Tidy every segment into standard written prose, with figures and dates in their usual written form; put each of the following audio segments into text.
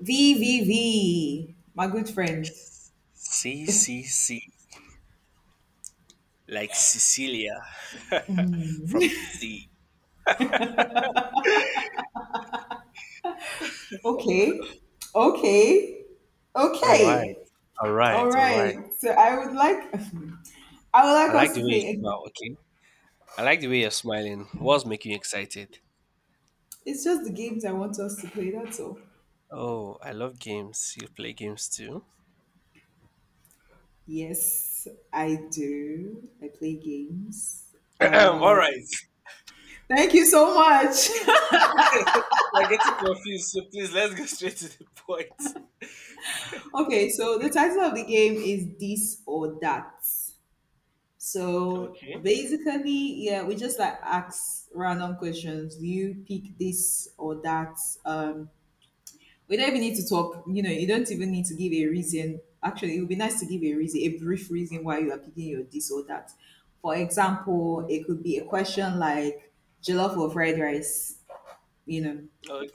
V V V, my good friend. C C C like Cecilia from the sea. Okay, okay, All okay. right, all All right, all right. right. So I would I like like us the to way you play. Smile. Okay, I like the way you're smiling. What's making you excited? It's just the games I want us to play. That's all. Oh, I love games. You play games too? Yes, I do. I play games. All Uh, right. Thank you so much. You're getting confused, so please let's go straight to the point. Okay, so the title of the game is This or That. So Okay, basically, yeah, we just like ask random questions. Do you pick this or that? Um, we don't even need to talk. You don't even need to give a reason. Actually, it would be nice to give a reason, a brief reason why you are picking your this or that. For example, it could be a question like jollof or fried rice. You know,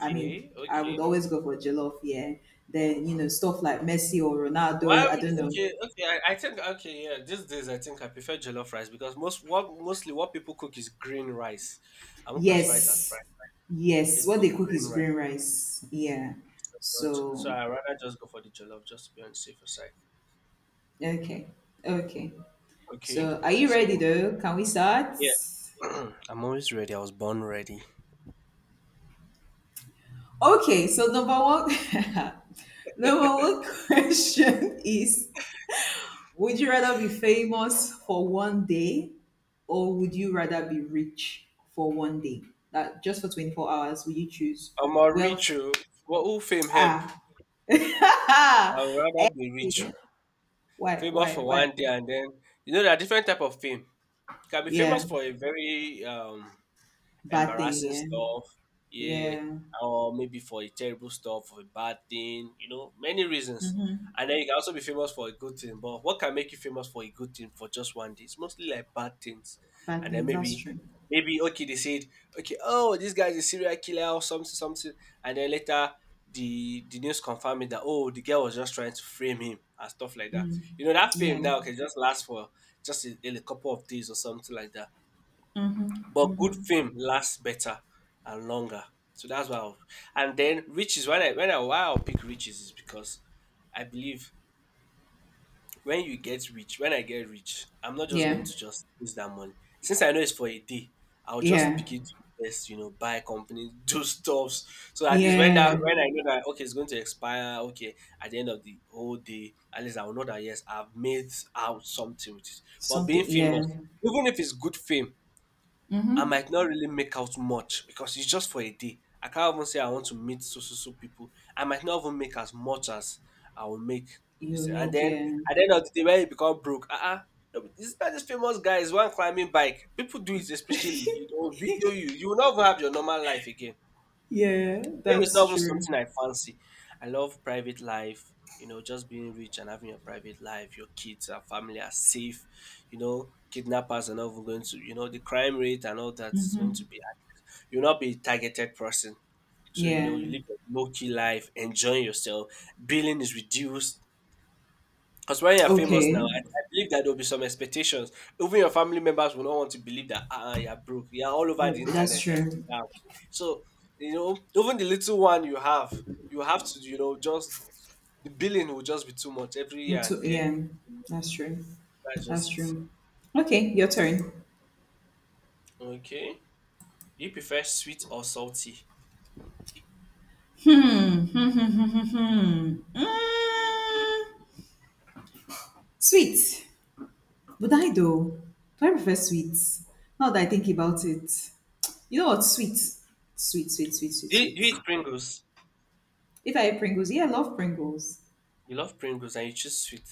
I mean, I okay. would always go for jollof. Yeah. Then stuff like Messi or Why Ronaldo. I would don't know. okay, okay? I think okay, yeah. These days, I think I prefer jollof rice because mostly what people cook is green rice. I won't classify it as fried. Yes. They Yes. What they cook cook green is rice, green rice. Yeah. but so So, I rather just go for the jollof just to be on the safer side. okay. Okay. Okay, So, are you ready so though? Can we start? yeah, I'm always ready. I was born ready. Okay. So, number one question is: Would you rather be famous for one day, or would you rather be rich for one day? That, just for 24 hours, would you choose I'm a wealth? rich. Oh. What who fame help? Ah. I'd rather be rich. Oh. Famous why, for why? 1 day, and then there are different type of fame. You can be famous Yeah. for a very Bad embarrassing thing, stuff, yeah. yeah, Yeah. or maybe for a terrible stuff, for a bad thing, many reasons. Mm-hmm. And then you can also be famous for a good thing. But what can make you famous for a good thing for just 1 day? It's mostly like bad things. Bad And then things, that's maybe, true. okay, they said, okay, oh, this guy is a serial killer or something, something. And then later the news confirming that, oh, the girl was just trying to frame him and stuff like that. Mm. You know, that fame Yeah. now can just last for just a couple of days or something like that. Mm-hmm. But good Mm-hmm. fame lasts better and longer. So that's why I'll, and then riches, when I why I'll pick riches, is because I believe when you get rich, when I get rich, I'm not just going Yeah. to just use that money. Since I know it's for a day, I'll just Yeah. begin to invest, buy companies, do stuffs. So at least when that Yeah. when I know that, okay, it's going to expire, okay, at the end of the whole day, at least I will know that yes, I've made out something with it. But being Something, yeah. famous, even if it's good fame, I Mm-hmm. might not really make out much because it's just for a day. I can't even say I want to meet so so so people. I might not even make as much as I will make. You This will thing. And make, then yeah. at the end of the day, when you become broke, this not these famous guys one climbing bike. People do it, especially, video you. You will not even have your normal life again. Yeah, Fame is not that's even true. something I fancy. I love private life, just being rich and having your private life, your kids, our family are safe, kidnappers are not even going to, the crime rate and all that is going Mm-hmm. to be. You'll not be a targeted person. So, Yeah. you live a low key life, enjoying yourself. Billing is reduced. Because when you're famous now, I, Okay. I believe that there'll be some expectations. Even your family members will not want to believe that, ah, ah, you're broke. You're all over Yeah, the that's internet. You're still true. down. So, even the little one you have to, just the billing will just be too much every year and there. Yeah, that's true. That's just That's it. true. Okay, your turn. Okay. Do you prefer sweet or salty? Hmm. Hmm. Hmm. Hmm. Hmm. Hmm. Hmm. Mm. Sweet. Would I though? Do I prefer sweets? Now that I think about it, you know what? Sweet, sweet, sweet, sweet, sweet, Do you sweet. eat Pringles? If I eat Pringles, yeah, I love Pringles, You love Pringles and you choose sweet.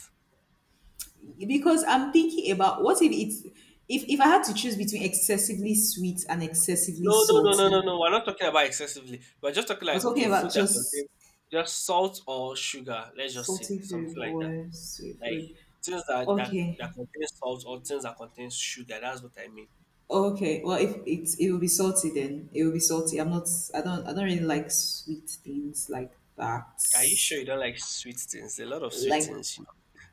because I'm thinking about what if it's if I had to choose between excessively sweet and excessively No, no, no, no, no, salty. no. We're not talking about excessively. We're just talking We're like, talking okay, food about that just contains just salt or sugar. Let's just say salty something food like that. or sweet Like food. things that that Okay, that contain salt or things that contain sugar. That's what I mean. okay. Well, if it will be salty, then it will be salty. I'm not. I don't. I don't really like sweet things like that. Are you sure you don't like sweet things? A lot of sweet Like, things, you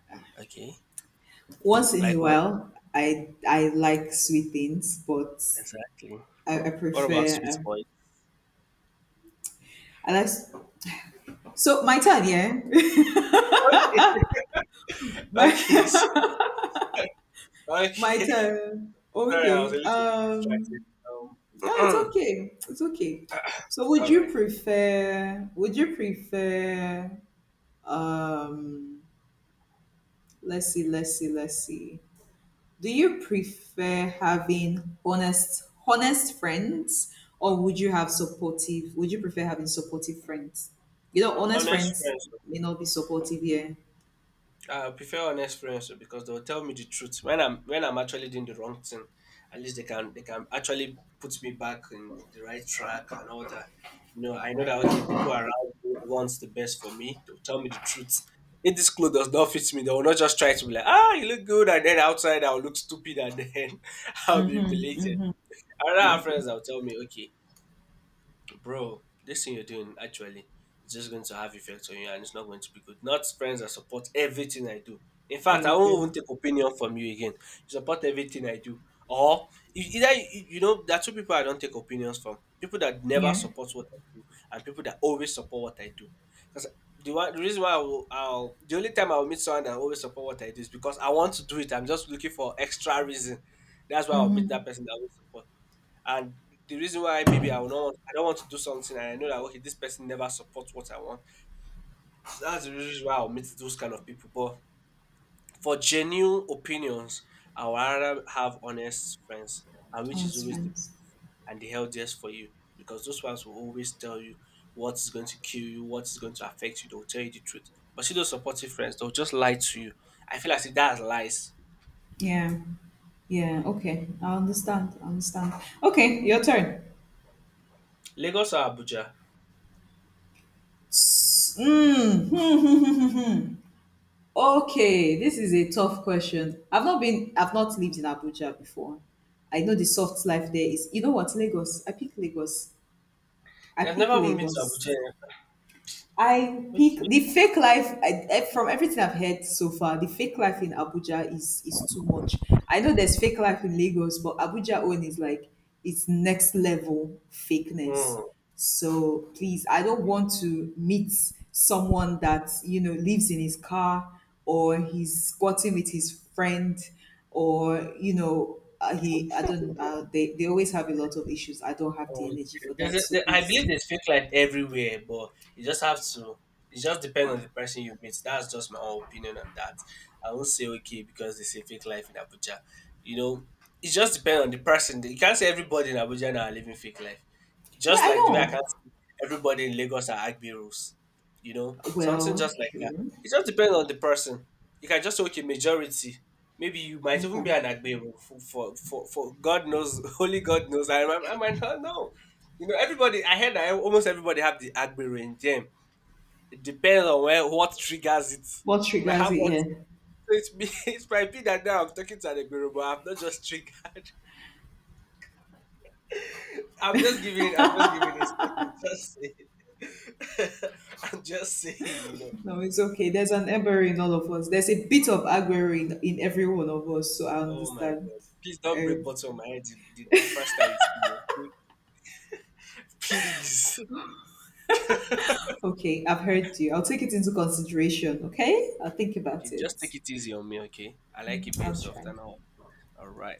know. Okay. once in a Like what? while, I like sweet things, but Exactly. I What about prefer sweet boys? I like so my turn, yeah, Okay. my Okay. My Okay. turn. Sorry, I was a Okay, little bit distracted. No, it's Um, okay, it's okay. So, would all right. you prefer? Would you prefer? Um, let's see, let's see, let's see. Do you prefer having honest friends, or would you prefer having supportive friends? Honest Honest friends friends. may not be supportive, yeah. I prefer honest friendship because they will tell me the truth when I'm actually doing the wrong thing. At least they can actually put me back in the right track and all that. I know that, okay, people around me wants the best for me. They'll tell me the truth. If this clothes does not fit me, they will not just try to be like, ah, you look good, and then outside I'll look stupid, and then I'll be Mm-hmm. humiliated. Mm-hmm. Another Okay. friends that will tell me, okay, bro, this thing you're doing actually is just going to have effects on you and it's not going to be good. Not friends that support everything I do. In fact, Thank I you won't very even much. take opinion from you again. You support everything I do. Or either you there are two people I don't take opinions from. People that never Yeah. support what I do and people that always support what I do. Because the reason why I will, I'll the only time I'll meet someone that always support what I do is because I want to do it. I'm just looking for extra reason. That's why I'll meet that Mm-hmm. person that will support. And the reason why, maybe I don't want to do something and I know that, okay, this person never supports what I want. So that's the reason why I'll meet those kind of people. But for genuine opinions, I would rather have honest friends, and which is Honest always the friends. and the healthiest for you, because those ones will always tell you what is going to kill you, what is going to affect you. They'll tell you the truth. But see those supportive friends, they'll just lie to you. I feel like, see, that's lies. Yeah. Yeah. Okay. I understand. I understand. Okay, your turn. Lagos or Abuja? S- Mm. Okay, this is a tough question. I've not lived in Abuja before. I know the soft life there is. You know what, Lagos? I pick Lagos. I I've pick never even been to Abuja. Lagos. Eh? I pick Okay. the fake life, from everything I've heard so far. The fake life in Abuja is too much. I know there's fake life in Lagos, but Abuja own is like, it's next level fakeness. Hmm. So please, I don't want to meet someone that lives in his car, or he's squatting with his friend, or he I don't they always have a lot of issues. I don't have the Oh, energy yeah. for that. So I please, believe there's fake light everywhere, but you just have to. It just depends on the person you meet. That's just my own opinion on that. I won't say okay because they say fake life in Abuja. You know, it just depends on the person. You can't say everybody in Abuja now are living fake life. yeah, Just I like the way I can know. see everybody in Lagos are Agbiros, something just Well, like that. true. It just depends on the person. You can just say, okay, majority. Maybe you might even Okay. be an Agbero for, God knows, only God knows. Remember, I might not know. Everybody, I heard that almost everybody have the Agbero in them. It depends on where, what triggers it. What You might triggers have it? what, Yeah. so it might be that now I'm talking to an Agbero, but I'm not just triggered. I'm just giving it. I'm just saying. I'm just saying. You know. No, it's okay. There's an Ebery in all of us. There's a bit of Aguero in every one of us. So I Oh my understand. god! Please I don't break bottle on understand. my head the first time you see me. Okay? Please. Okay, I've heard you. I'll take it into consideration. Okay, I'll think Okay, about just it. take it easy on me, okay? I like it being I'll soft try. and all. All right.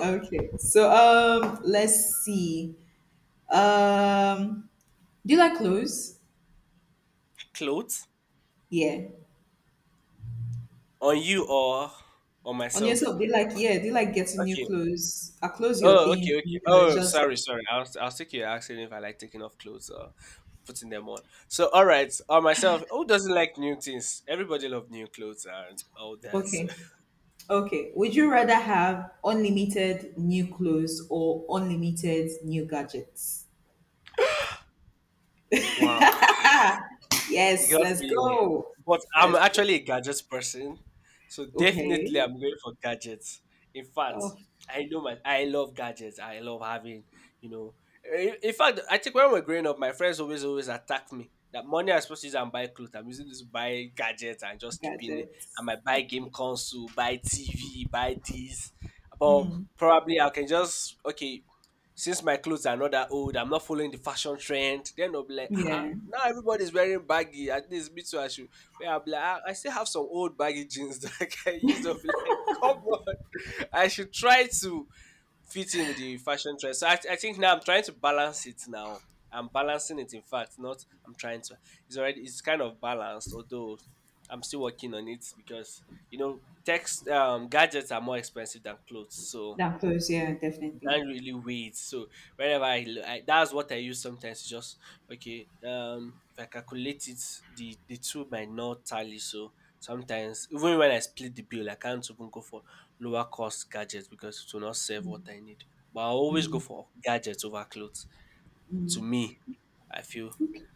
Okay, so let's see. Um, do you like clothes? Clothes Yeah. on you or on On myself? yourself, do you like, yeah? Do you like getting new Okay. clothes? Are clothes your Oh, okay, thing? okay. You know, it's Oh, just sorry, sorry. I was thinking you're asking if I like taking off clothes or putting them on. So, all right, on myself, who doesn't like new things? Everybody love new clothes and all that. So. okay. Okay. Would you rather have unlimited new clothes or unlimited new gadgets? Wow, you Yes, got let's me. go. But I'm Let's go. actually a gadgets person, so Okay. definitely I'm going for gadgets. In fact, Oh, I know my I love gadgets. I love having, you know. In fact, I think when we're growing up, my friends always attack me that money I'm supposed to use and buy clothes, I'm using this to buy gadgets and just keeping it. I gadgets. might buy game console, buy TV, buy this. But probably I can just, okay. Since my clothes are not that old, I'm not following the fashion trend. Then I'll be like, ah, ah, Yeah. now everybody's wearing baggy. At least me too, I should. Where I'll be like, ah, I still have some old baggy jeans that I can use. I'll be like, come on, I should try to fit in with the fashion trend. So I think now I'm trying to balance it now. I'm balancing it. In fact, not I'm trying to. It's already it's kind of balanced, although I'm still working on it because text gadgets are more expensive than clothes. So That clothes. Yeah, definitely. can't really wait. So whenever I that's what I use sometimes. To just okay. If I calculate it, the two might not tally. So sometimes even when I split the bill, I can't even go for lower cost gadgets because it will not save what I need. But I always go Mm, for gadgets over clothes. To mm. me, I feel Okay.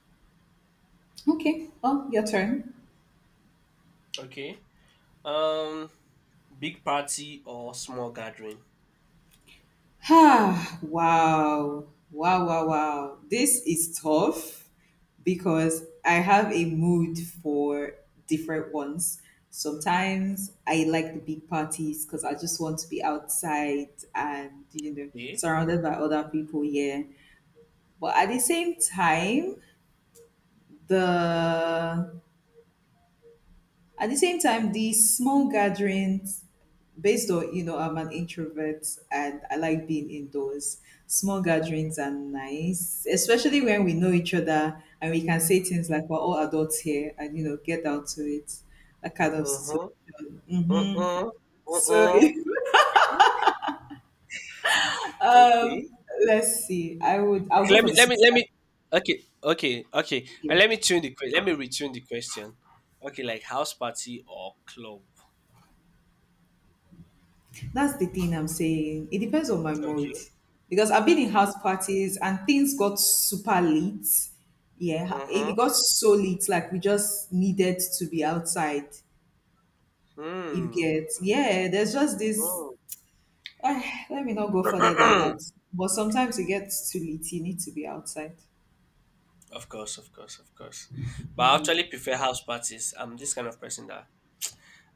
Okay. Well, your turn. okay. Um, big party or small gathering? Ah, wow. Wow, wow, wow. This is tough because I have a mood for different ones. Sometimes I like the big parties because I just want to be outside and, Okay. surrounded by other people, yeah. But at the same time, the at the same time, the small gatherings, based on I'm an introvert and I like being indoors. Small gatherings are nice, especially when we know each other, and we can say things like, we're all adults here, and get down to it. That kind of Uh situation. huh. Uh uh. Uh So uh. Okay. let's see, I'll go Let for me the let me small let me okay, okay, okay, and gathering, yeah. Let me retune the question. Okay, like house party or club? That's the thing, I'm saying it depends on my mood Okay, because I've been in okay. house parties and things got super late, yeah. it, Mm-hmm. it got so late, like we just needed to be outside. You Hmm. get, yeah, there's just this, ah, let me not go further than Mm. that. But sometimes it gets too late. You need to be outside. Of course, of course, of course. But I actually prefer house parties. I'm this kind of person that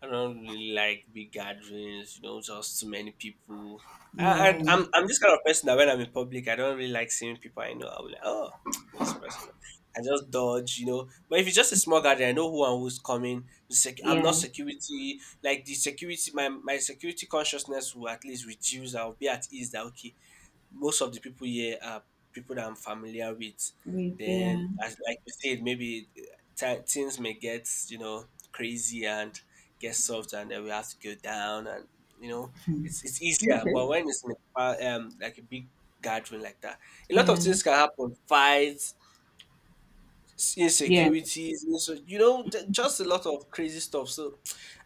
I don't really like big gatherings, just too many people. I, I, Yeah, I'm I'm this kind of person that when I'm in public, I don't really like seeing people I know. I'll be like, oh, this person. I just dodge. But if it's just a small gathering, I know who and who's coming. I'm not yeah, security. Like the security, my security consciousness will at least reduce. I'll be at ease that, okay, most of the people here are people that I'm familiar with. we, Then, yeah, as like you said, maybe things may get crazy and get soft, and then we have to go down, and you know it's easier. But okay, when it's in like a big gathering like that, a lot of yeah, things can happen: fights, yeah, insecurities, so just a lot of crazy stuff. So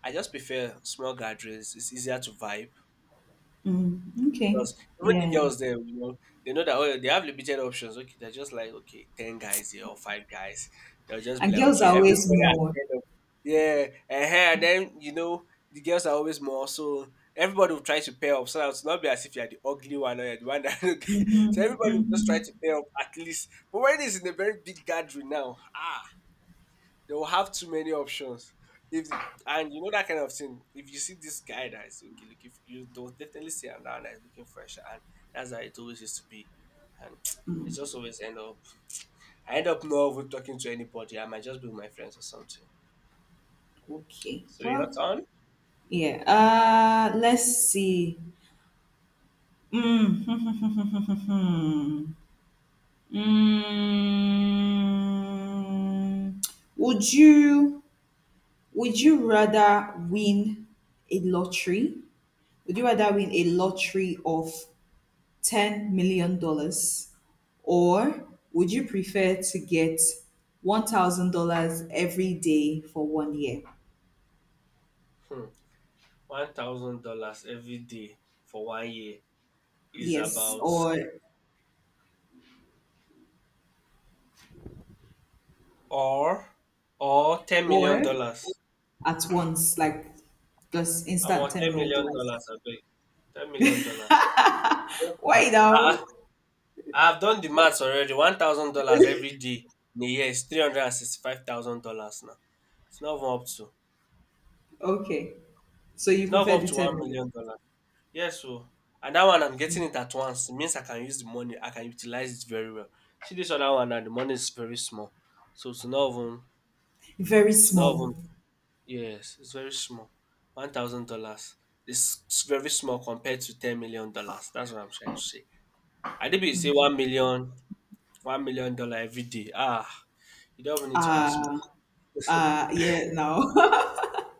I just prefer small gatherings. It's easier to vibe. mm, okay, Because even the yeah. girls there, they know that, oh, they have limited options. Okay, they're just like, okay, ten guys here or five guys. They'll just be And like, girls okay, are always everybody. has more. kind of- Yeah, uh-huh. And then the girls are always more, so everybody will try to pair up. So that it's not be as if you're the ugly one or you're the one that. So Mm-hmm, everybody will just mm-hmm. try to pair up at least. But when it's in a very big gathering now, they will have too many options. If And you know that kind of thing, if you see this guy that is okay, look, if you don't definitely see another that is looking fresh. And that's how it always used to be, and it just always end up. I end up not even talking to anybody. I might just be with my friends or something. Okay, So your well, turn. yeah. Let's see. Mm, hmm. Mm. Would you? Would you rather win a lottery? Would you rather win a lottery of $10 million, or would you prefer to get $1,000 every day for one year? Hmm. $1,000 every day for one year is Yes, about, or or or ten million or dollars. at once, like just I'm instant on ten ten million million dollars. dollars. I beg $10 million. Why Uh, now? I've done the maths already. $1,000 every day in a year is $365,000 now. It's not even up to. Okay, so It's you not even prefer up the to ten one million million? dollars. Yes, so and that one I'm getting it at once. It means I can use the money. I can utilize it very well. See this other one and the money is very small. So to not even Very to not even small. yes, it's very small. $1,000 is very small compared to $10 million. That's what I'm trying to say. I did be say Okay. 1 million, $1 million every day. Ah, you don't even need to ask me. Ah, ah, yeah. Now.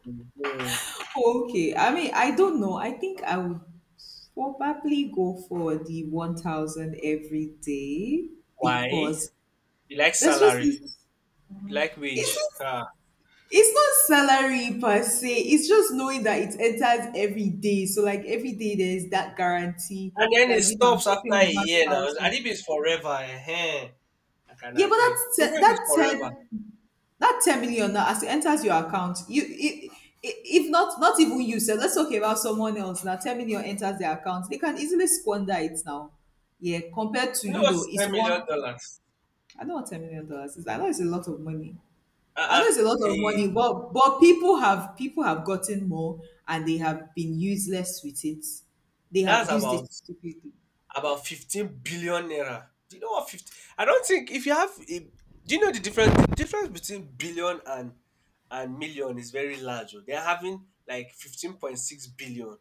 Mm. Okay, I mean, I don't know. I think I would probably go for the 1000 every day Why? because You like there's just salary, this, you like it's, wage. just- Ah. it's not salary per se, it's just knowing that it enters every day. So, like, every day there's that guarantee And then it that, I'm stops after getting a year now. And 1000. if it's forever, I can Yeah, but agree. that's Even te- if it's that forever, 10 that 10 million, now as it enters your account, you, if not even you. So let's talk about someone else now. 10 million enters their account, they can easily squander it now, yeah, compared to, you know what is it's $10 one. million? Dollars? I know what $10 million is, I know it's a lot of money. I Uh-uh. know it's a lot of Hey, money, but people have gotten more, and they have been useless with it. They that's have used it about stupidly about 15 billion naira. Do you know what 50? I don't think if you have a, do you know the difference? The difference between billion and million is very large. Oh. They're having like 15.6 billion.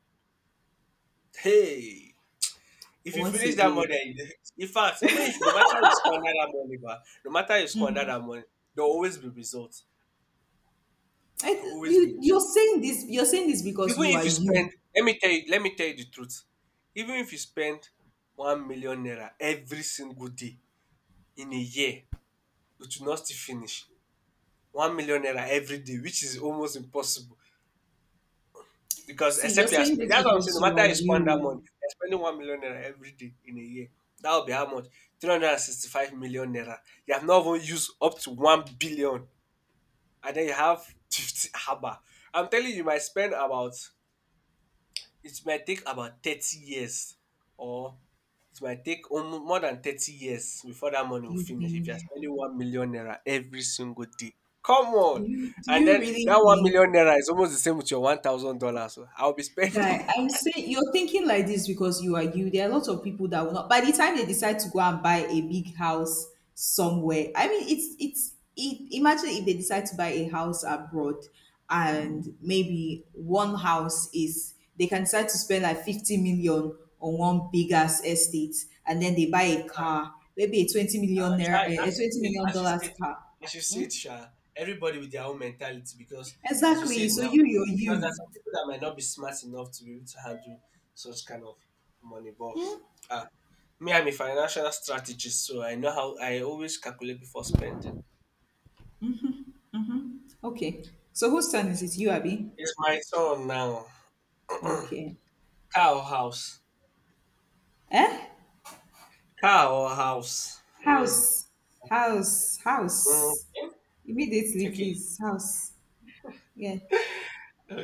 Hey. If you once finish that again. money, in fact, even if no matter you squander that money, no matter you squander that money, there'll always be results. There'll I, always be you you're results. saying this because Even you are if you you. spend, let me tell you the truth. Even if you spend 1 million naira every single day in a year, it will not still finish. 1 million naira every day, which is almost impossible. Because See, you're except you are saying this that's what I'm saying. because No you matter are how you spend that money, you. you're spending 1 million naira every day in a year. That will be how much? 365 million naira. You have not even used up to 1 billion. And then you have 50 haba. I'm telling you, you might spend about it might take about 30 years, or it might take more than 30 years before that money Do will you finish if think? you're spending 1 million naira every single day. Come Do on. you do And you then really that one think, million naira is almost the same with your $1,000. So I'll be spending guy? I'm saying you're thinking like this because you are you. There are a lot of people that will not. By the time they decide to go and buy a big house somewhere, I mean, it's it. Imagine if they decide to buy a house abroad, and maybe one house is they can decide to spend like 50 million on one big ass estate, and then they buy a car, maybe a 20 million naira, Sha, a as twenty you said, million as you dollars said, car. as you Hmm? said, Sha, everybody with their own mentality, because, as you said Exactly. So now, you're because there are you. some people that might not be smart enough to be able to handle such kind of money. But Hmm? uh, me, I'm a financial strategist, so I know how I always calculate before spending. Okay. So whose turn is it? You, Abby? It's my turn now. Okay. Car or house? Eh? Car or house? Hey. House. House. Mm. House. Immediately, Okay. please. House. Yeah.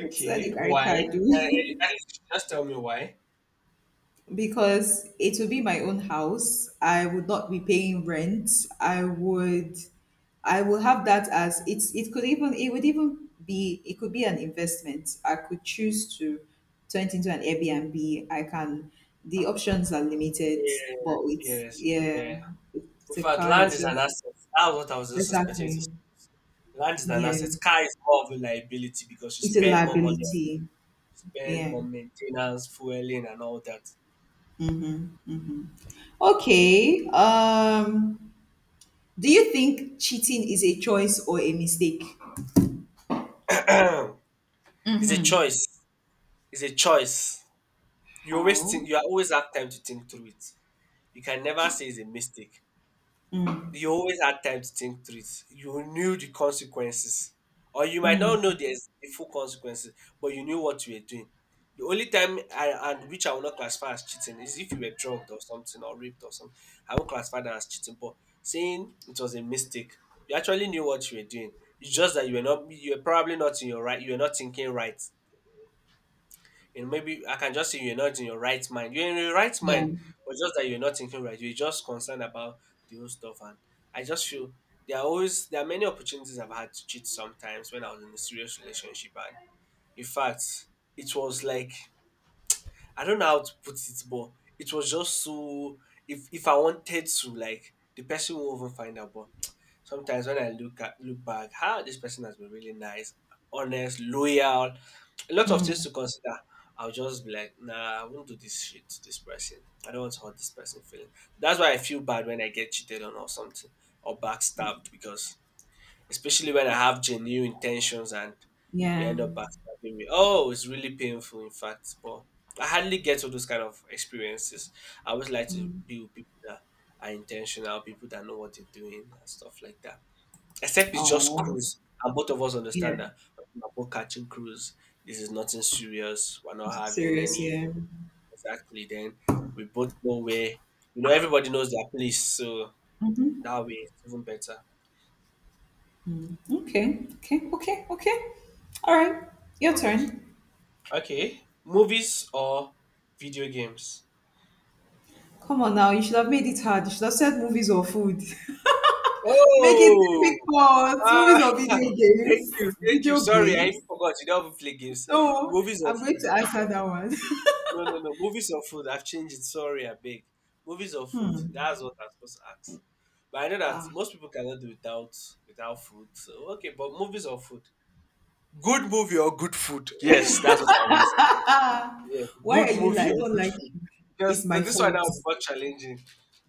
What's that the Why? caricature do? Just tell me why. Because it will be my own house. I would not be paying rent. I would I will have that as it could be an investment. I could choose to turn it into an Airbnb. I can The options are limited, Yeah. but it's, Yes. yeah, Yeah. In it's a fact, car, land it's is an just asset. That's what I was just expecting you to exactly. say. Land is an Yeah. asset. Car is more of a liability because you It's a spend more money, you liability. spend Yeah. more maintenance, fueling, and all that. Okay. Do you think cheating is a choice or a mistake? Hmm. It's a choice. It's a choice. You always How? think. You always have time to think through it. You can never say it's a mistake. You always had time to think through it. You knew the consequences, or you might not Mm, know the full consequences, but you knew what you were doing. The only time and which I will not classify as cheating is if you were drugged or something or raped or something. I won't classify that as cheating, but saying it was a mistake, you actually knew what you were doing. It's just that you were not, you were probably not in your right, you were not thinking right. And maybe I can just say you're not in your right mind. You're in your right yeah. mind, but just that you're not thinking right. You're just concerned about the whole stuff. And I just feel there are many opportunities I've had to cheat sometimes when I was in a serious relationship. And in fact, it was like I don't know how to put it, but it was just so if I wanted to, like the person won't even find out. But sometimes when I look back, how this person has been really nice, honest, loyal, a lot of things Mm, to consider. I'll just be like, nah, I won't do this shit to this person. I don't want to hurt this person feeling. That's why I feel bad when I get cheated on or something or backstabbed because especially when I have genuine intentions and you yeah. end up backstabbing me. Oh, it's really painful, in fact. But I hardly get all those kind of experiences. I always like to Mm. be with people that are intentional, people that know what they're doing and stuff like that. Except it's just Oh. cruise, and both of us Yeah, understand that we're both catching cruise. This is nothing serious. We're not having serious, any yeah. exactly. Then we both know where everybody knows their place, so that way it's even better. Okay, okay, okay, okay. All right, your turn. Okay. Movies or video games? Come on now, you should have made it hard. You should have said movies or food. Make it Oh, difficult. ah, Movies or video thank games. you, thank you. Video Sorry, I games. forgot. You don't even play games. No, Movies or I'm going food? to answer that one. No, no, no. Movies or food? I've changed it. Sorry, I beg. Movies or food? That's what I'm supposed to ask. But I know that most people cannot do without food. So okay, but movies or food? Good movie or good food? Yes, that's what I'll use. Yes, Why good are you like, movie I or don't good like food? you. It's Because my this one now fault. will be more challenging.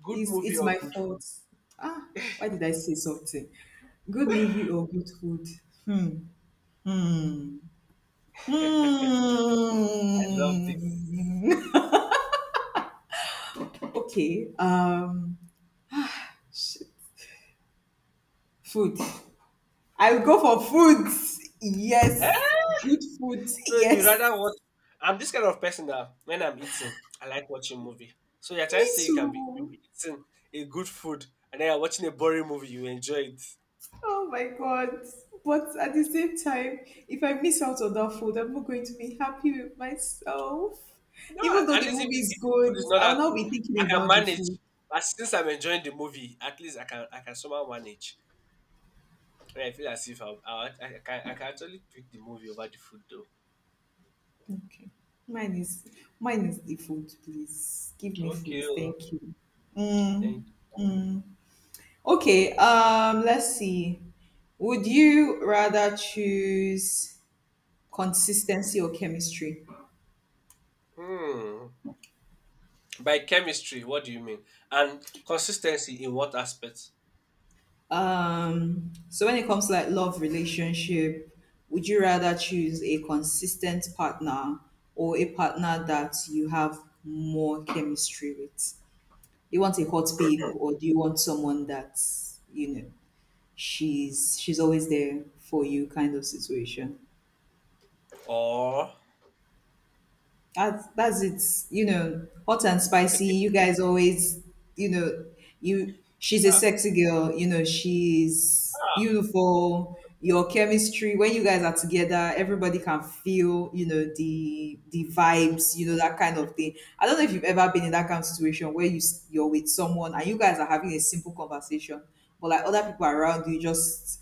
Good It's movie it's or my good food? fault. Ah, why did I say something? Good movie or good food? Hmm. Hmm. I love this. Hmm. Okay. Sh- Food. I'll go for food. Eh? Yes. Good food. So you rather watch? Yes. I'm this kind of person that when I'm eating, I like watching movie. So you're trying Me to say you can be you too. be eating a good food and then you're watching a boring movie, you enjoy it? Oh my God. But at the same time, if I miss out on that food, I'm not going to be happy with myself. No, Even though at the least movie is if the food good, is not I'll that now good, be I thinking can about the manage. food. But since I'm enjoying the movie, at least I can somehow manage. When I feel as if I can actually pick the movie over the food though. Okay. Mine is mine is the food, please. Give me food. Okay. Oh. Thank you. Thank. Okay, let's see. Would you rather choose consistency or chemistry? Hmm. By chemistry, what do you mean? And consistency in what aspect? So when it comes to like love relationship, would you rather choose a consistent partner or a partner that you have more chemistry with? You want a hot babe or do you want someone that, you know, she's always there for you kind of situation? Or That's it. Hot and spicy. okay, You guys always, you know, you. She's a ah, sexy girl. She's ah, beautiful. Your chemistry when you guys are together, everybody can feel. You know the vibes. You know that kind of thing. I don't know if you've ever been in that kind of situation, where you're with someone and you guys are having a simple conversation, but like other people around you just,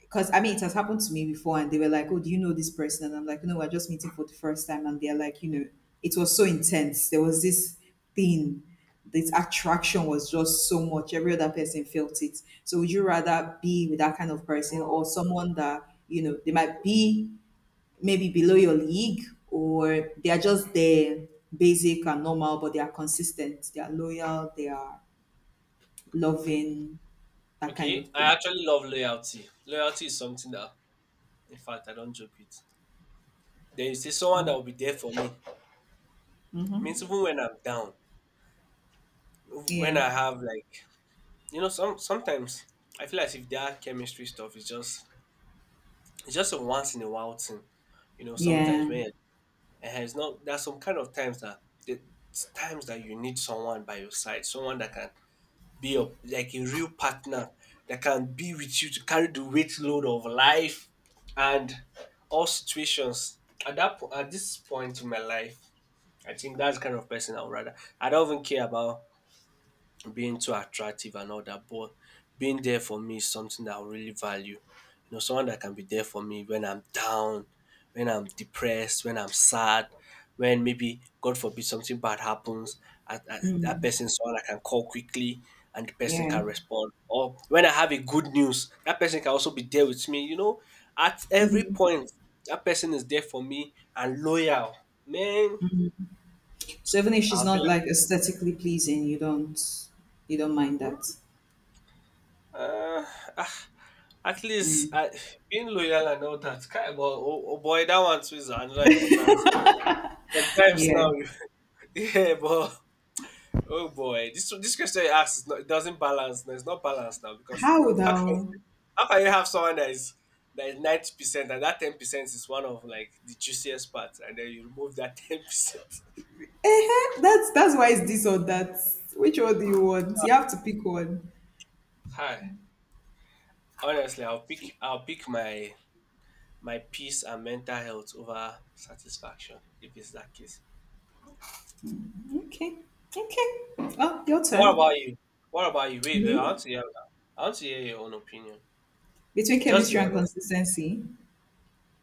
because I mean, it has happened to me before, and they were like, "Oh, do you know this person?" And I'm like, "No, we're just meeting for the first time." And they're like, "You know, it was so intense. There was this thing, this attraction was just so much. Every other person felt it. So, would you rather be with that kind of person, hmm, or someone that they might be maybe below your league, or they are just there, basic and normal, but they are consistent, they are loyal, they are loving, that kind of okay. I thing." actually love loyalty. Loyalty is something that, in fact, I don't joke with. There is this someone that Oh. will be there for me. Means Hmm. even when I'm down, when Yeah. I have like, sometimes I feel as if that chemistry stuff is just it's just a once in a while thing. You know, sometimes Yeah. when it has not, there's some kind of times that the times that you need someone by your side, someone that can be a like a real partner that can be with you to carry the weight load of life and all situations. At this point in my life, I think that's the kind of person I would rather. I don't even care about being too attractive and all that, but being there for me is something that I really value. Someone that can be there for me when I'm down, when I'm depressed, when I'm sad, when maybe God forbid something bad happens, that Mm, person is someone I can call quickly and the person yeah. can respond. Or when I have a good news, that person can also be there with me. You know, at every Mm. point, that person is there for me and loyal. Man, So even if she's I feel not like. like aesthetically pleasing, you don't mind hmm, that. Uh, ah, At least I, being loyal and all that. Kind but oh, oh boy, that one too is another important thing. Sometimes now, Yeah. you, yeah, but oh boy, this question you ask is not it doesn't balance. No, it's not balanced now because How how can now? how can you have someone that is 90% and that 10% is one of like the juiciest parts, and then you remove that 10%. That's why it's this or that. Which one do you want? You have to pick one. Hi, honestly, I'll pick my peace and mental health over satisfaction if it's that case. Okay. Okay. Oh, your What turn. about you? What about you? Wait, wait. I Me? want to hear. I want to hear your own opinion. Between Just be chemistry and honest. consistency.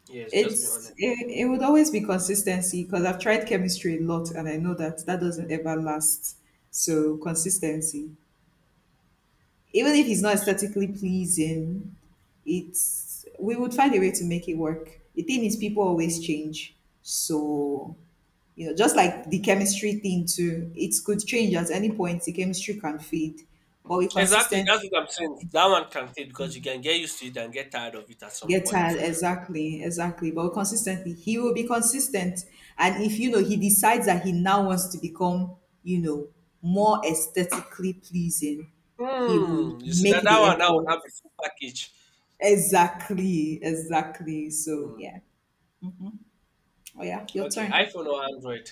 Yes, just be It's honest. it, it would always be consistency because I've tried chemistry a lot, and I know that that doesn't ever last. So consistency. Even if he's not aesthetically pleasing, it's we would find a way to make it work. The thing is, people always change. So, just like the chemistry thing too, it could change at any point. The chemistry can fade, but we Exactly. consistently That's what I'm saying. That one can stay because you can get used to it and get tired of it at some get point. tired. Exactly, exactly. But we consistently, he will be consistent. And if he decides that he now wants to become, you know, more aesthetically pleasing, he would Hmm. You see that make that the one that would effort. have a full package. Exactly, exactly. So Hmm. yeah. Oh yeah, your Okay. turn. iPhone or Android?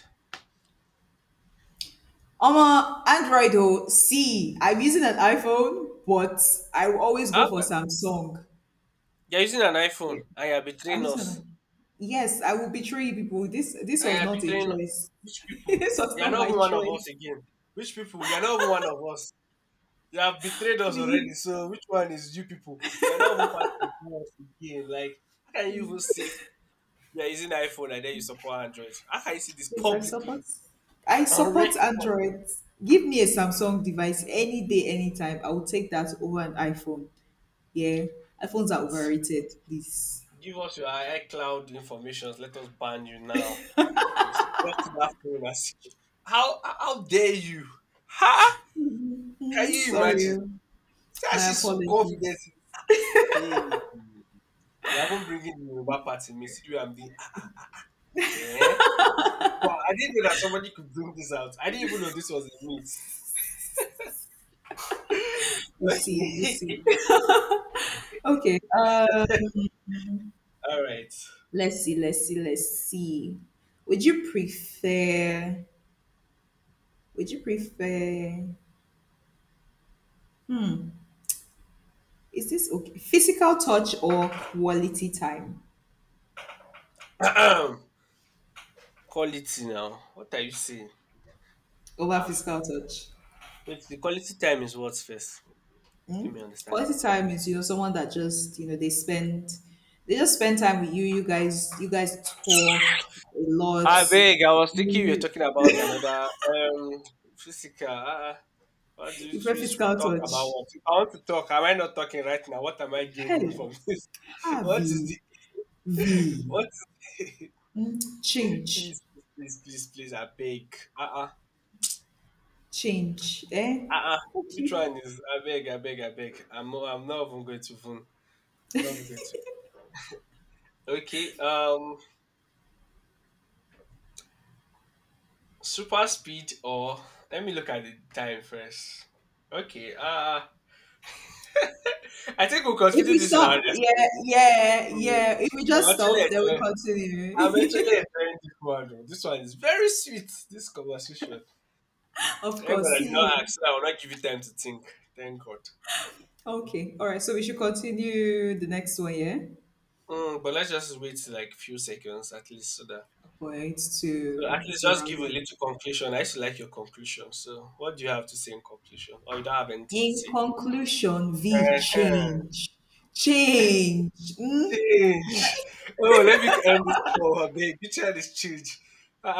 I'm a Android though. See, I'm using an iPhone, but I will always go for Okay. Samsung. You're using an Yeah. iPhone and you're I'm betraying using us. an Yes, I will betray you people. This And was you're not a betraying choice. which people? This was You're not not my even one of us choice. again. Which people? You're not even one of us. You have betrayed us Please, already. So which one is you people? You're not even part of us again. Like how can you please, even say you're using iPhone and then you support Android? How can you see this please, publicly I on support record? Android. Give me a Samsung device any day, anytime. I will take that over an iPhone. Yeah. iPhones are That overrated, please. give us your iCloud information. Let us ban you now. We'll lock that phone and see. How dare you? Huh? Can Mm, you sorry. imagine? Oh. See how My she's so apologies. confident. Hey, you haven't bringing the Yoruba party. Me see you and being ah, eh? Wow, I didn't know that somebody could bring this out. I didn't even know this was in me. You see, you Okay. see. Okay. All right. Let's see, let's see, let's see. Would you prefer, would you prefer, is this okay? Physical touch or quality time quality now. What are you saying? over Ah, physical touch? wait, the quality time is what first? Let me understand it. Quality time is, someone that just, they just spend time with you. You guys talk a lot. I beg, I was thinking you were You, talking about another um physical. What do you you prefer we physical should talk about? touch. What if I want to talk? Am I not talking right now? What am I gaining Hey, from this? What is Harvey, the V, what? please, mm, change, please, I beg. Change, eh? Ah ah, which Okay. one is? I beg, I beg. I'm not even going to even, not even going to. Okay, super speed or let me look at the time first. Okay, I think we'll If consider we this in our stop, next one. yeah, yeah, Mm, yeah. If we I'm just stop, actually then we enjoying. I'm continue. actually enjoying this one though. This one is very sweet. This conversation. Of Thank God course, I did see not you. ask, so I will not give you time to think. Thank God. Okay, all right. So we should continue the next one, yeah, Mm, but let's just wait like few seconds at least so that for it so at to least to just give round a up. little conclusion. I still like your conclusion. So what do you have to say in conclusion? Or you don't have anything to In say? conclusion, V Uh-huh. change, change. Mm, Change. Oh, let me end this call, babe. You try this change. Ah,